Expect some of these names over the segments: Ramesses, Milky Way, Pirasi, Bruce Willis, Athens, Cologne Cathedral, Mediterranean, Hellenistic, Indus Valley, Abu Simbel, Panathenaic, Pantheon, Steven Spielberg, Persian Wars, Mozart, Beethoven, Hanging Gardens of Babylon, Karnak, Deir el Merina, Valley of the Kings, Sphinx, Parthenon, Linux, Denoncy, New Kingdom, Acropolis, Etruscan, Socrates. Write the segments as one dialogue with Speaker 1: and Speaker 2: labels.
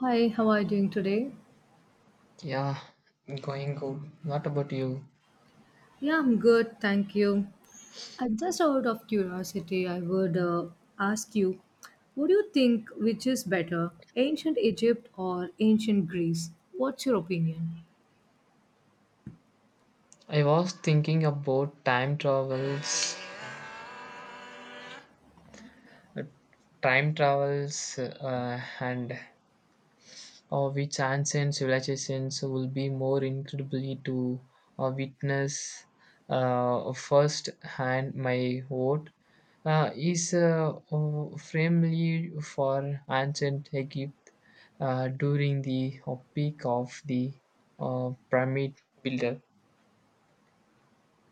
Speaker 1: Hi, how are you doing today?
Speaker 2: Yeah, going good. What about you?
Speaker 1: Yeah, I'm good, thank you. I just out of curiosity, I would ask you, what do you think which is better, ancient Egypt or ancient Greece? What's your opinion?
Speaker 2: I was thinking about time travels, uh, and which ancient civilizations will be more incredibly to witness first hand. My vote is firmly for ancient Egypt during the peak of the pyramid builder.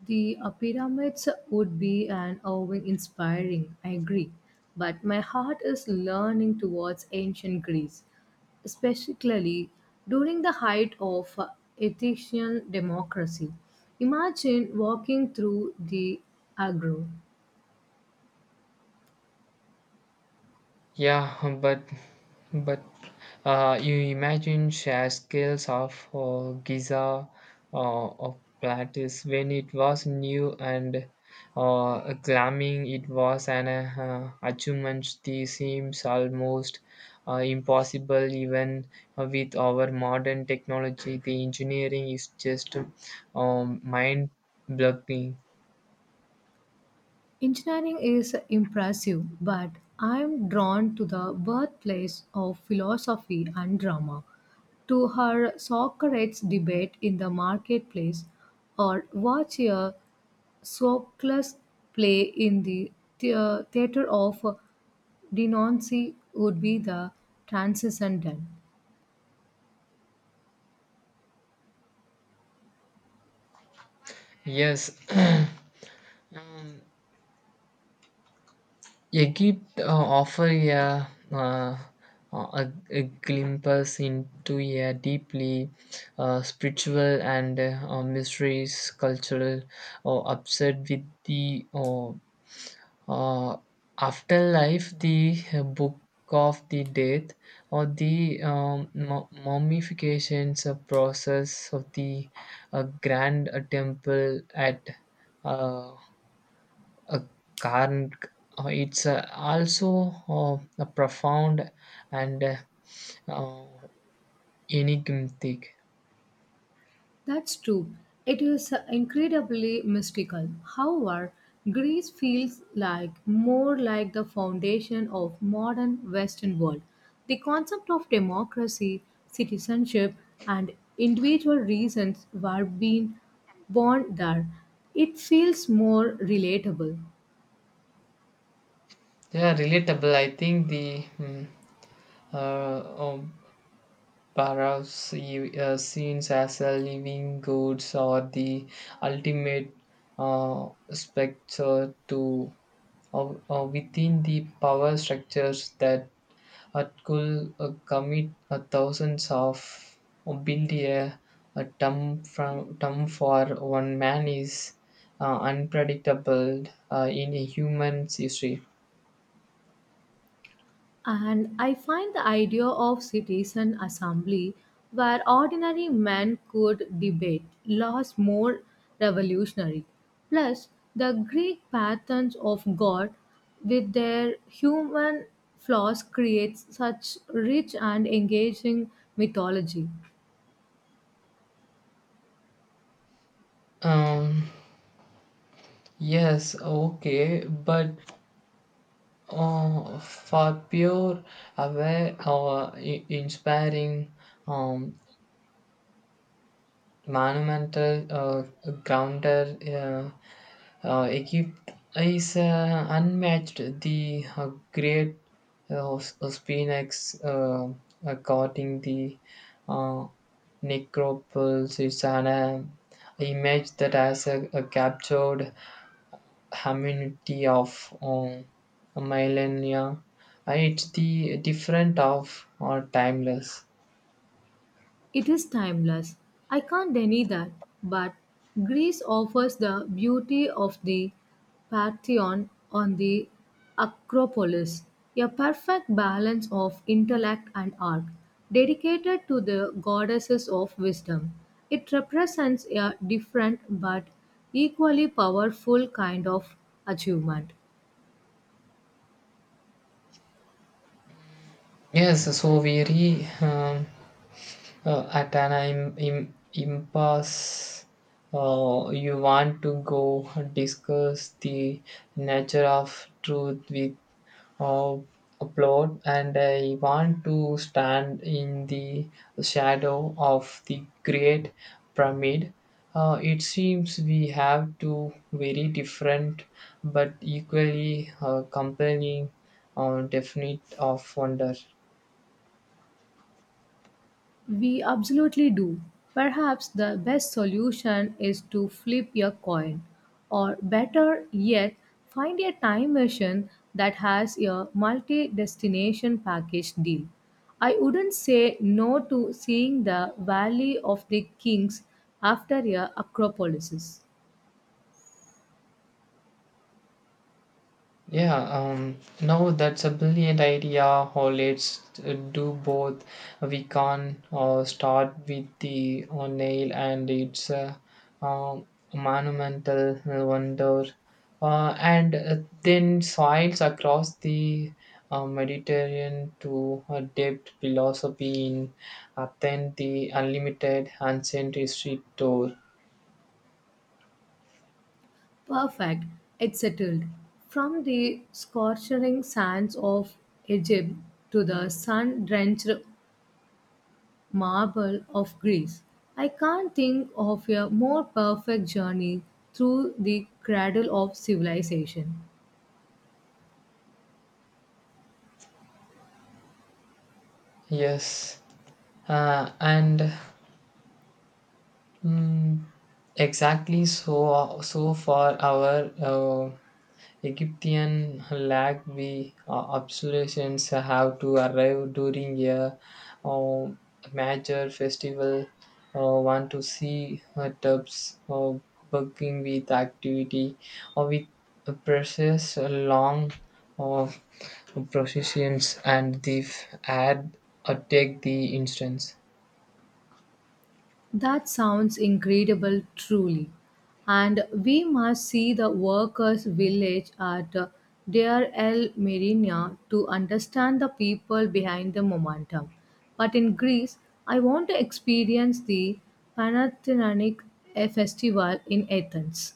Speaker 1: The pyramids would be an awe inspiring, I agree. But my heart is learning towards ancient Greece, especially during the height of Athenian democracy. Imagine walking through the agro.
Speaker 2: Yeah, but but you imagine sheer scales of Giza of Plautus when it was new and glamming. It was an achievement. This seems almost impossible even with our modern technology. The engineering is just mind-blowing.
Speaker 1: Engineering is impressive, but I'm drawn to the birthplace of philosophy and drama, to her Socrates debate in the marketplace, or watch a Sophocles play in the theater of Denoncy would be the transcendental.
Speaker 2: Yes. Um, A gift offer uh, a glimpse into a deeply spiritual and mysterious cultural upset with the uh, afterlife, the book of the death, or the mummifications process of the grand temple at. Uh, uh, Karn, it's also a profound and uh, enigmatic.
Speaker 1: That's true. It is incredibly mystical. However, Greece feels like more like the foundation of modern Western world. The concept of democracy, citizenship, and individual reasons were being born there. It feels more relatable.
Speaker 2: Yeah, relatable. I think the uh, um, Parav's scenes as a living goods or the ultimate spectre to within the power structures that At could commit a thousands of build a term from term for one man is unpredictable in a human's history.
Speaker 1: And I find the idea of citizen assembly where ordinary men could debate laws more revolutionary. Plus, the Greek patterns of God with their human flaws creates such rich and engaging mythology.
Speaker 2: Um, yes, okay, but for pure, aware, inspiring, um, monumental, grounded. Egypt is unmatched. The great Spinax guarding the uh, necropolis is an image that has a captured humanity of um, millennia. It's the different of or timeless.
Speaker 1: It is timeless. I can't deny that. But Greece offers the beauty of the Pantheon on the Acropolis, a perfect balance of intellect and art, dedicated to the goddesses of wisdom. It represents a different but equally powerful kind of achievement.
Speaker 2: Yes, so we re. At an impasse, you want to go discuss the nature of truth with uh, a plot, and I want to stand in the shadow of the Great Pyramid. It seems we have two very different but equally compelling definite of wonder.
Speaker 1: We absolutely do. Perhaps the best solution is to flip your coin, or better yet, find a time machine that has a multi destination package deal. I wouldn't say no to seeing the Valley of the Kings after a Acropolis.
Speaker 2: Yeah, no, that's a brilliant idea. Or let's do both. We can start with the nail, and it's a um, monumental wonder, and then sails across the Mediterranean to a depth philosophy in Athens, the unlimited ancient history tour.
Speaker 1: Perfect, it's settled. From the scorching sands of Egypt to the sun drenched marble of Greece. I can't think of a more perfect journey through the cradle of civilization.
Speaker 2: Yes, and Mm, exactly. So, so for our Egyptian lag, we absolutions have to arrive during a uh, major festival. Want to see tubs bugging with activity or with precious long uh, processions and the ad take the instance.
Speaker 1: That sounds incredible, truly. And we must see the workers' village at Deir el Merina to understand the people behind the momentum. But in Greece, I want to experience the Panathenaic festival in Athens.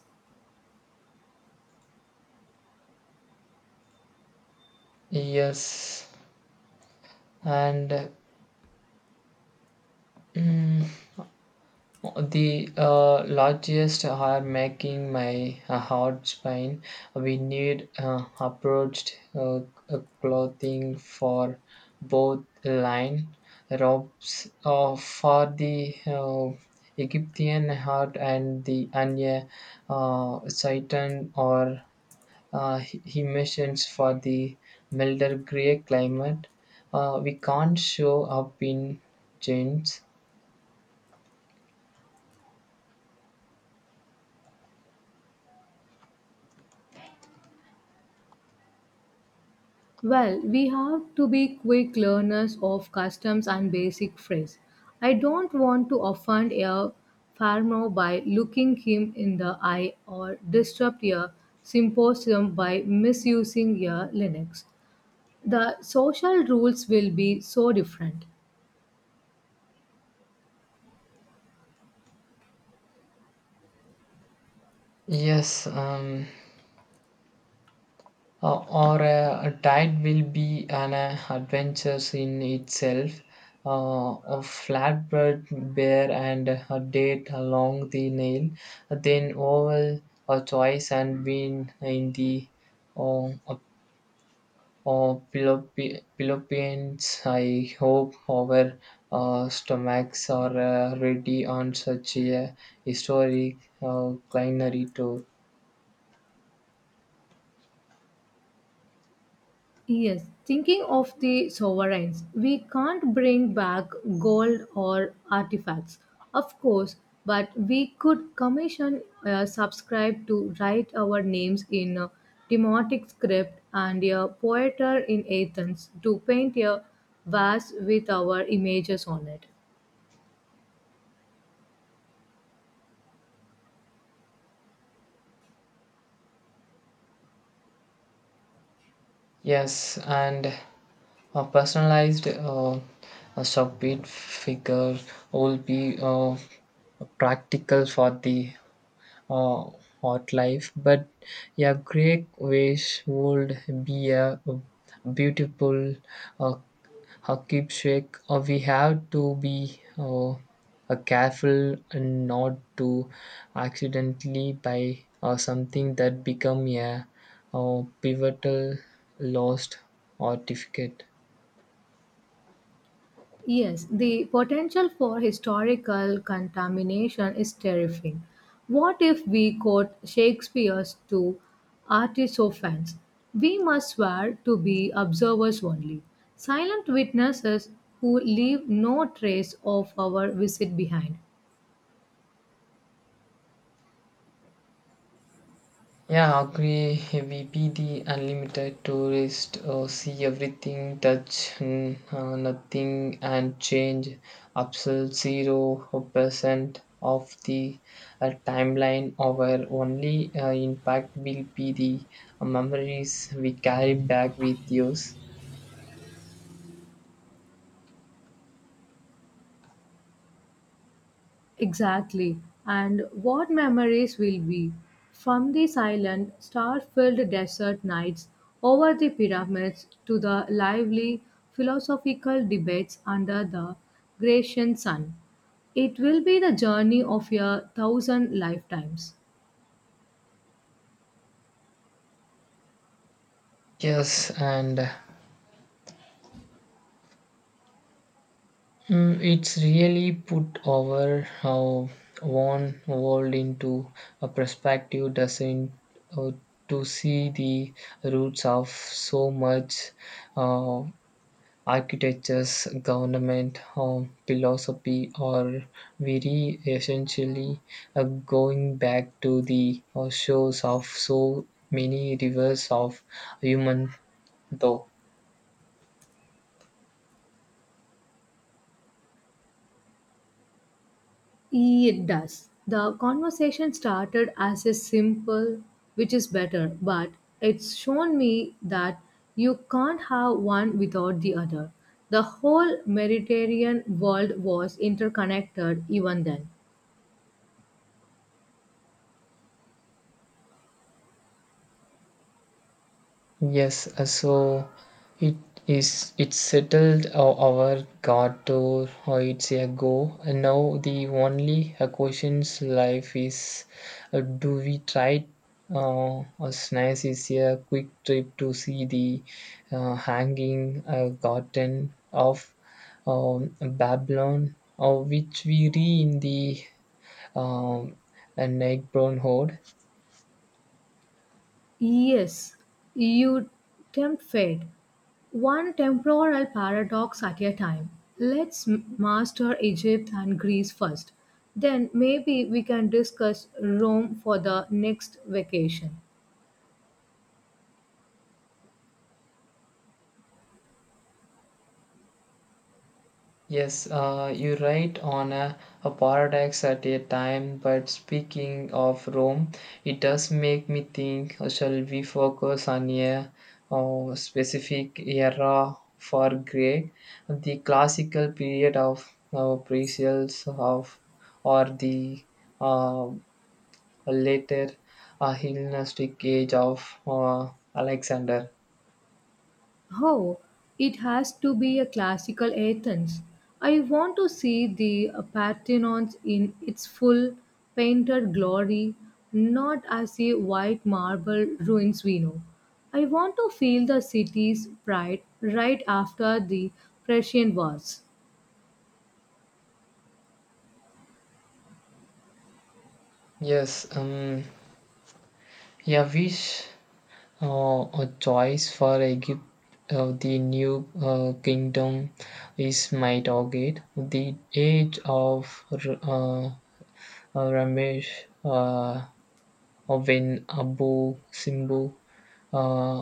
Speaker 2: Yes, and. mm, The largest are making my heart spine. We need approached clothing for both line robes for the Egyptian heart and the Anya Saturn or he for the milder gray climate. We can't show up in jeans.
Speaker 1: Well, we have to be quick learners of customs and basic phrase. I don't want to offend a farmer by looking him in the eye or disrupt a symposium by misusing a Linux. The social rules will be so different.
Speaker 2: Yes, or a diet will be an adventure in itself. A flatbread bear and a date along the nail, then oval a choice and win in the uh, uh, Philippines. I hope our stomachs are ready on such a historic culinary tour.
Speaker 1: Yes, thinking of the sovereigns, we can't bring back gold or artifacts, of course, but we could commission a subscribe to write our names in a demotic script and a poeter in Athens to paint a vase with our images on it.
Speaker 2: Yes, and a personalized a subbeat figure will be practical for the uh, hot life, but a great wish would be a beautiful uh, a keepsake. We have to be careful and not to accidentally buy something that become a pivotal lost artifact.
Speaker 1: Yes, the potential for historical contamination is terrifying. What if we quote Shakespeare's to artisophans? We must swear to be observers only, silent witnesses who leave no trace of our visit behind.
Speaker 2: Yeah, agree. We be the unlimited tourist, see everything, touch nothing, and change absolute 0% of the timeline. Our only impact will be the memories we carry back with us.
Speaker 1: Exactly. And what memories will be from the silent, star filled desert nights over the pyramids to the lively philosophical debates under the Grecian sun? It will be the journey of a thousand lifetimes.
Speaker 2: Yes, and it's really put our one world into a perspective, doesn't uh, to see the roots of so much uh, architectures, government, philosophy, or very essentially going back to the shores of so many rivers of human thought.
Speaker 1: It does. The conversation started as a simple, which is better, but it's shown me that you can't have one without the other. The whole Mediterranean world was interconnected even then.
Speaker 2: Yes, so it is it settled our God to it's a go. And now the only questions life is do we try as nice is a quick trip to see the hanging garden of Babylon, which we read in the um, Nick Brown Hood.
Speaker 1: Yes, you tempt fate. One temporal paradox at a time. Let's master Egypt and Greece first. Then maybe we can discuss Rome for the next vacation.
Speaker 2: Yes, you write on a paradox at a time, but speaking of Rome, it does make me think shall we focus on a specific era for Greek, the classical period of pre-sales of or the uh, later Hellenistic age of Alexander?
Speaker 1: Oh, it has to be a classical Athens. I want to see the Parthenon in its full painted glory, not as a white marble ruins we know. I want to feel the city's pride right after the Persian Wars.
Speaker 2: Yes, yeah, wish a choice for Egypt, the new kingdom is Mitogate. The age of Ramesh uh, when Abu Simbu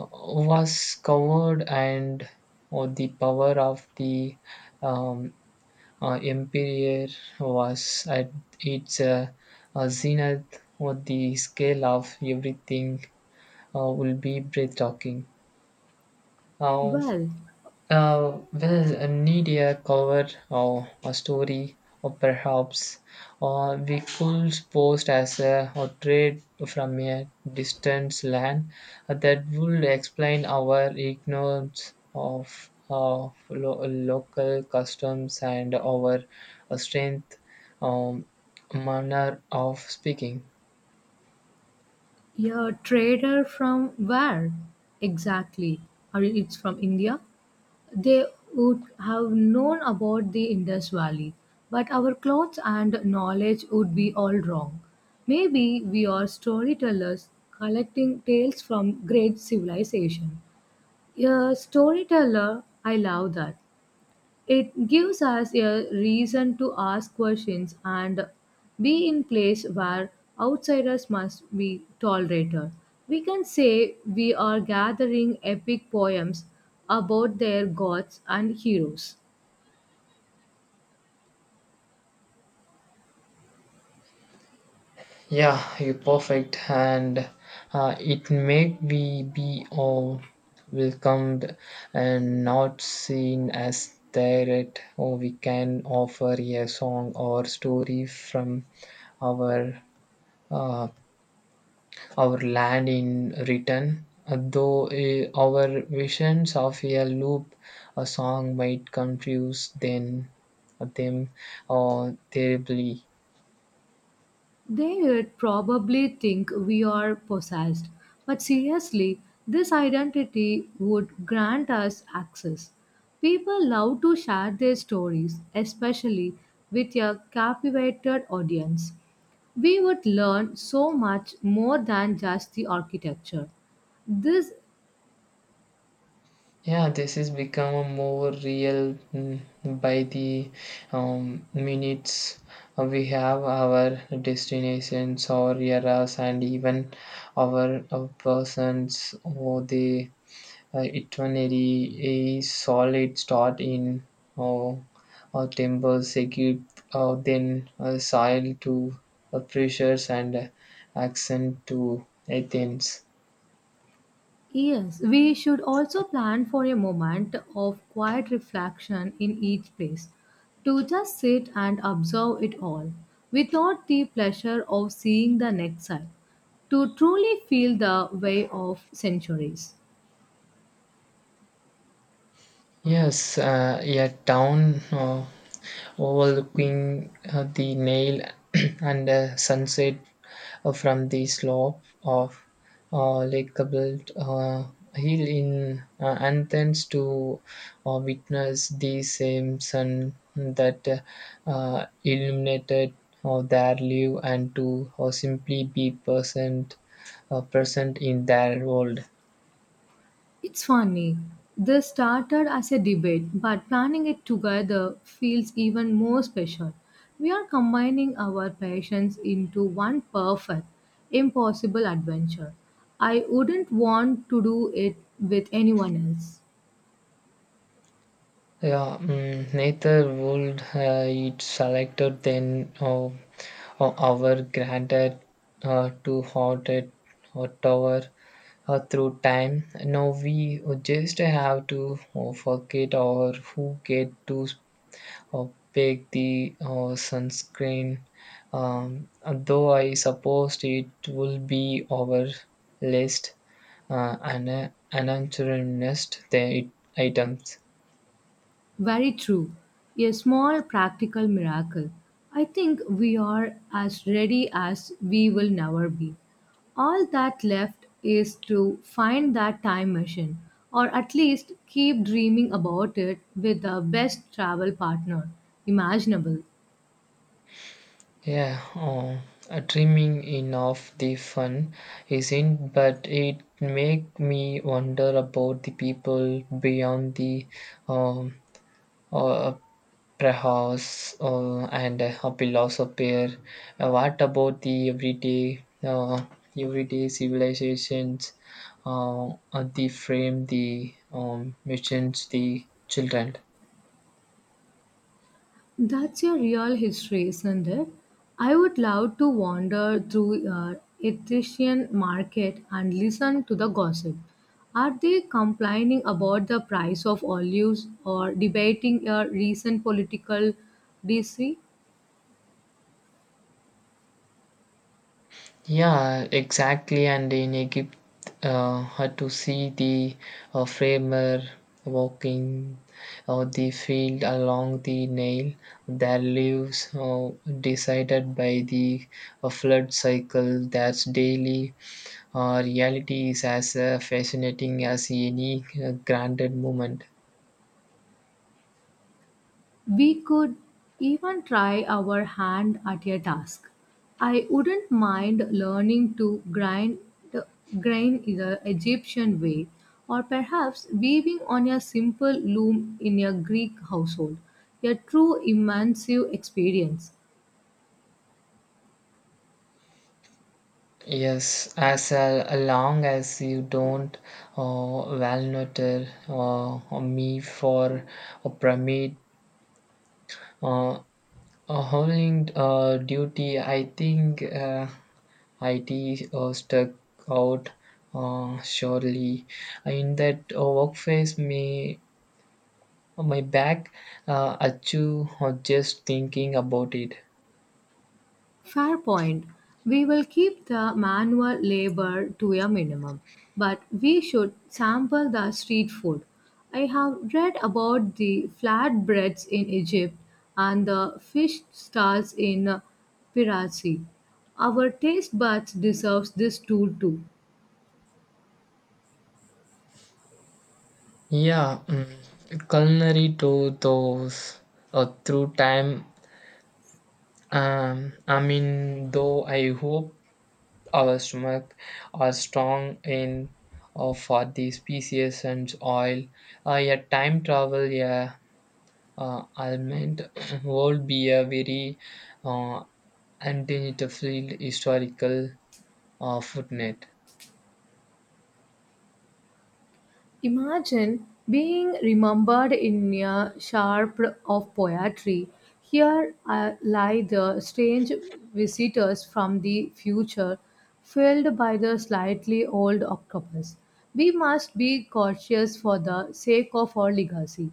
Speaker 2: was covered, and the power of the um, empire was at its zenith, or the scale of everything will be breathtaking. Um,
Speaker 1: Well,
Speaker 2: Well, need a cover or a story, or perhaps or we could post as a portrait from a distant land that would explain our ignorance of local customs and our strength um, manner of speaking.
Speaker 1: yeah, trader from where, exactly? Or it's from India? They would have known about the Indus Valley, but our clothes and knowledge would be all wrong. Maybe we are storytellers collecting tales from great civilization. A storyteller, I love that. It gives us a reason to ask questions and be in place where outsiders must be tolerated. We can say we are gathering epic poems about their gods and heroes.
Speaker 2: Yeah, you perfect, and it make we be all welcomed and not seen as threat. Or we can offer a song or story from our uh, our land in return. Though our visions of a loop, a song might confuse then them terribly.
Speaker 1: They'd probably think we are possessed. But seriously, this identity would grant us access. People love to share their stories, especially with a captivated audience. We would learn so much more than just the architecture. This.
Speaker 2: Yeah, this is become more real by the minutes. We have our destinations, our eras, and even our persons or the itinerary is solid start in uh, temples, Egypt, then soil to pressures and accent to Athens.
Speaker 1: Yes, we should also plan for a moment of quiet reflection in each place to just sit and observe it all without the pleasure of seeing the next side to truly feel the way of centuries.
Speaker 2: Yes, a town. Overlooking the nail and a sunset from the slope of Lake Kabult hill in Athens to witness the same sun that illuminated their life and to simply be present, present in their world.
Speaker 1: It's funny. This started as a debate, but planning it together feels even more special. We are combining our passions into one perfect, impossible adventure. I wouldn't want to do it with anyone else.
Speaker 2: Yeah, neither would it selected then. Our granted to haunted hot tower, through time. Now we just have to forget or who get to uh, pick the sunscreen. Um, though I suppose it will be our list and an unanswered nest the items.
Speaker 1: Very true. A small practical miracle. I think we are as ready as we will never be. All that left is to find that time machine, or at least keep dreaming about it with the best travel partner imaginable.
Speaker 2: Yeah, oh, dreaming in of the fun isn't, but it make me wonder about the people beyond the um uh, perhaps and a philosopher. What about the everyday civilizations? The frame, the missions, the children.
Speaker 1: That's a real history, isn't it? I would love to wander through Etruscan market and listen to the gossip. Are they complaining about the price of olives or debating a recent political dispute?
Speaker 2: Yeah, exactly. And in Egypt, had to see the framer walking or the field along the Nile. Their lives decided by the flood cycle. That's daily reality is as fascinating as any granted moment.
Speaker 1: We could even try our hand at a task. I wouldn't mind learning to grind in the Egyptian way, or perhaps weaving on a simple loom in a Greek household. A true immersive experience.
Speaker 2: Yes, as long as you don't valnutter me for a pyramid. Uh, a howling duty, I think it stuck out surely. In that workplace, me, my back achoo just thinking about it.
Speaker 1: Fair point. We will keep the manual labor to a minimum, but we should sample the street food. I have read about the flatbreads in Egypt and the fish stalls in Pirasi. Our taste buds deserves this tool too.
Speaker 2: Yeah, culinary to those through time. I mean, though I hope our stomach are strong in for the species and oil. A time travel yeah, element would be a very uh, undoubtedly historical footnote.
Speaker 1: Imagine being remembered in a sharp of poetry. Here lie the strange visitors from the future, filled by the slightly old octopus. We must be cautious for the sake of our legacy.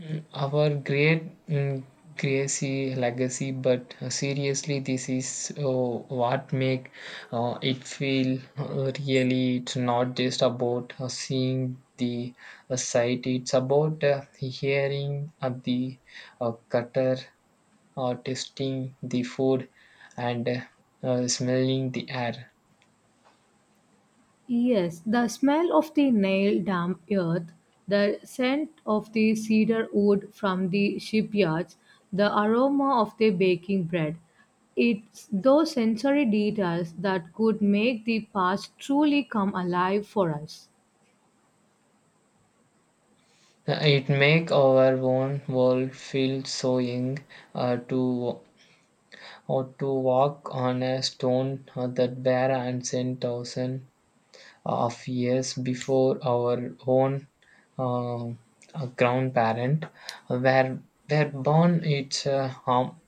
Speaker 2: Our great Gracie legacy, but seriously, this is what make it feel really. It's not just about seeing the sight; it's about hearing of the cutter or tasting the food and smelling the air.
Speaker 1: Yes, the smell of the nail damp earth, the scent of the cedar wood from the shipyards, the aroma of the baking bread. It's those sensory details that could make the past truly come alive for us.
Speaker 2: It make our own world feel so young to or to walk on a stone that were ancient thousands of years before our own grandparent were, were born. It's a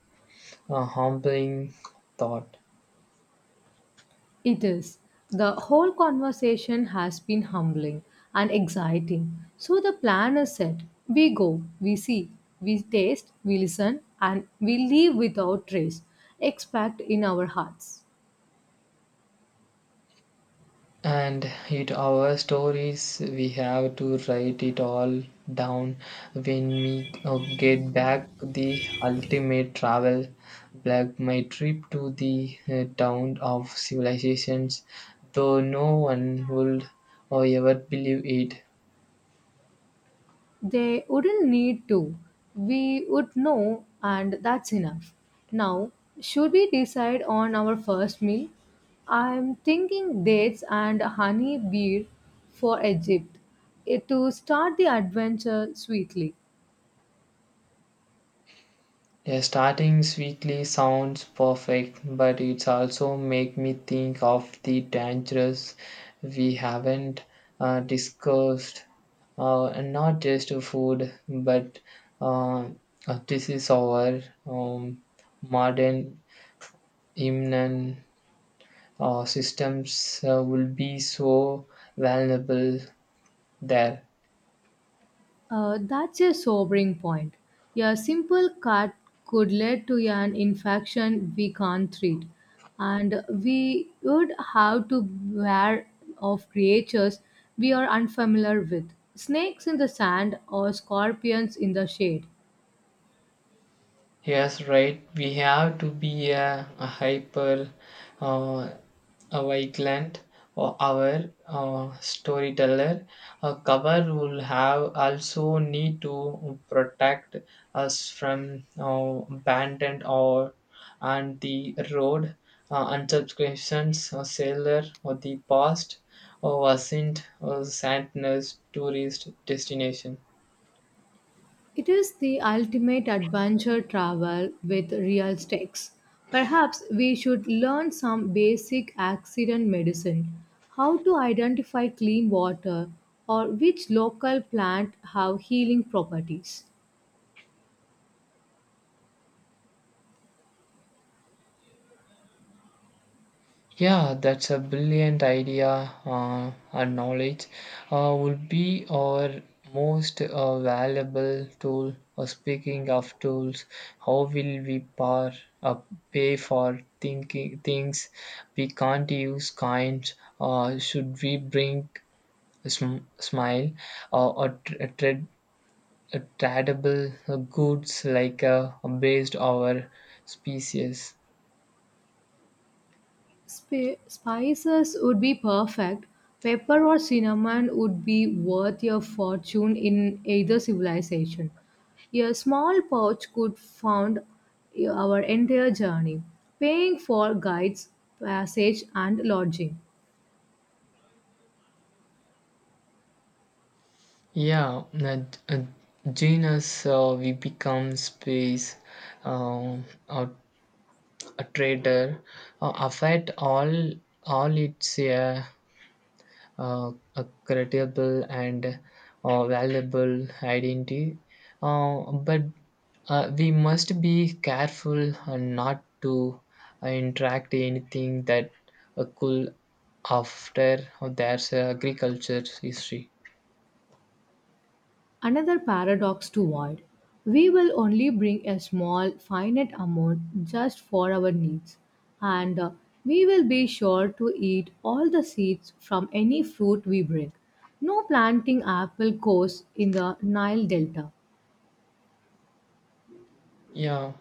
Speaker 2: a humbling thought.
Speaker 1: It is. The whole conversation has been humbling and exciting. So the plan is set. We go, we see, we taste, we listen, and we leave without trace, expect in our hearts.
Speaker 2: And it our stories we have to write it all down when we get back the ultimate travel like my trip to the town of civilizations though no one would or ever believe it.
Speaker 1: They wouldn't need to. We would know, and that's enough. Now, should we decide on our first meal? I'm thinking dates and honey beer for Egypt, to start the adventure sweetly.
Speaker 2: Yeah, starting sweetly sounds perfect, but it's also make me think of the dangerous we haven't discussed. And not just food, but uh, this is our um, modern immune systems will be so vulnerable there.
Speaker 1: That's a sobering point. A simple cut could lead to an infection we can't treat, and we would have to beware of creatures we are unfamiliar with snakes in the sand or scorpions in the shade.
Speaker 2: Yes, right. We have to be a hyper uh, a vigilant or our storyteller. A cover will have also need to protect us from abandoned or and the road unsubscriptions or seller or the past or wasn't or sadness tourist destination.
Speaker 1: It is the ultimate adventure travel with real stakes. Perhaps we should learn some basic accident medicine, how to identify clean water, or which local plant have healing properties.
Speaker 2: Yeah, that's a brilliant idea and knowledge would be our most valuable tool. Speaking of tools, how will we uh, pay for thinking things we can't use? Kind, should we bring a smile or a tradable goods like based our species?
Speaker 1: Spices would be perfect. Pepper or cinnamon would be worth your fortune in either civilization. A small pouch could fund our entire journey, paying for guides, passage, and lodging.
Speaker 2: Yeah, that genius we become space, um, a, a trader, affect all its uh, a credible and valuable identity. But we must be careful not to interact anything that could after there's agriculture history.
Speaker 1: Another paradox to avoid we will only bring a small, finite amount just for our needs, and we will be sure to eat all the seeds from any fruit we bring. No planting apple course in the Nile Delta.
Speaker 2: Yeah.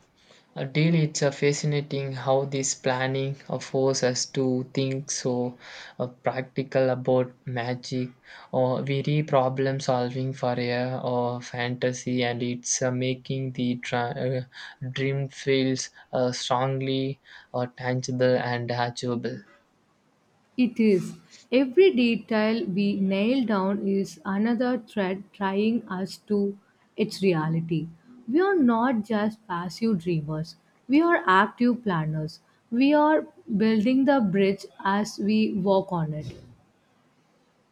Speaker 2: A deal. It's fascinating how this planning forces us to think so practical about magic, or very problem solving for a or fantasy, and it's making the dream feels strongly tangible and achievable.
Speaker 1: It is. Every detail we nail down is another thread tying us to its reality. We are not just passive dreamers, we are active planners. We are building the bridge as we walk on it.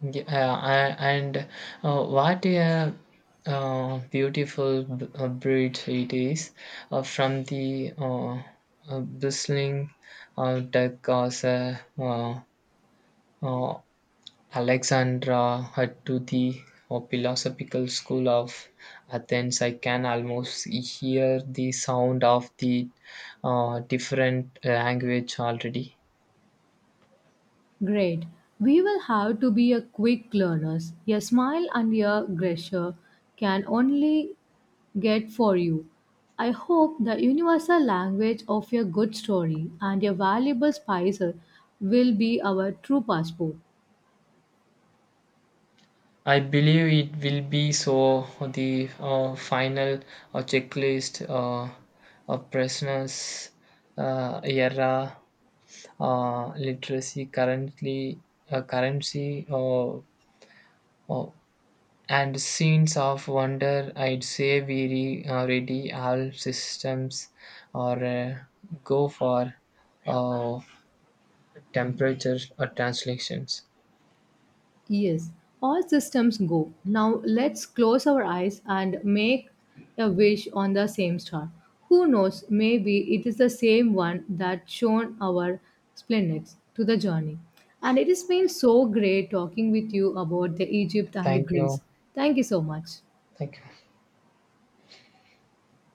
Speaker 2: Yeah, and what a beautiful breed it is from the bristling duck as uh, Alexandra to the philosophical school of Athens. I can almost hear the sound of the different language already.
Speaker 1: Great. We will have to be a quick learners. A smile and a gesture can only get for you. I hope the universal language of a good story and a valuable spicer will be our true passport.
Speaker 2: I believe it will be so. The final checklist of prisoners era literacy currently currency uh, and scenes of wonder. I'd say ready all systems or go for uh, temperature or translations.
Speaker 1: Yes, all systems go. Now let's close our eyes and make a wish on the same star. Who knows, maybe it is the same one that shone our splendors to the journey. And it has been so great talking with you about the Egypt and
Speaker 2: Thank you.
Speaker 1: Greece. Thank you so much.
Speaker 2: Thank you.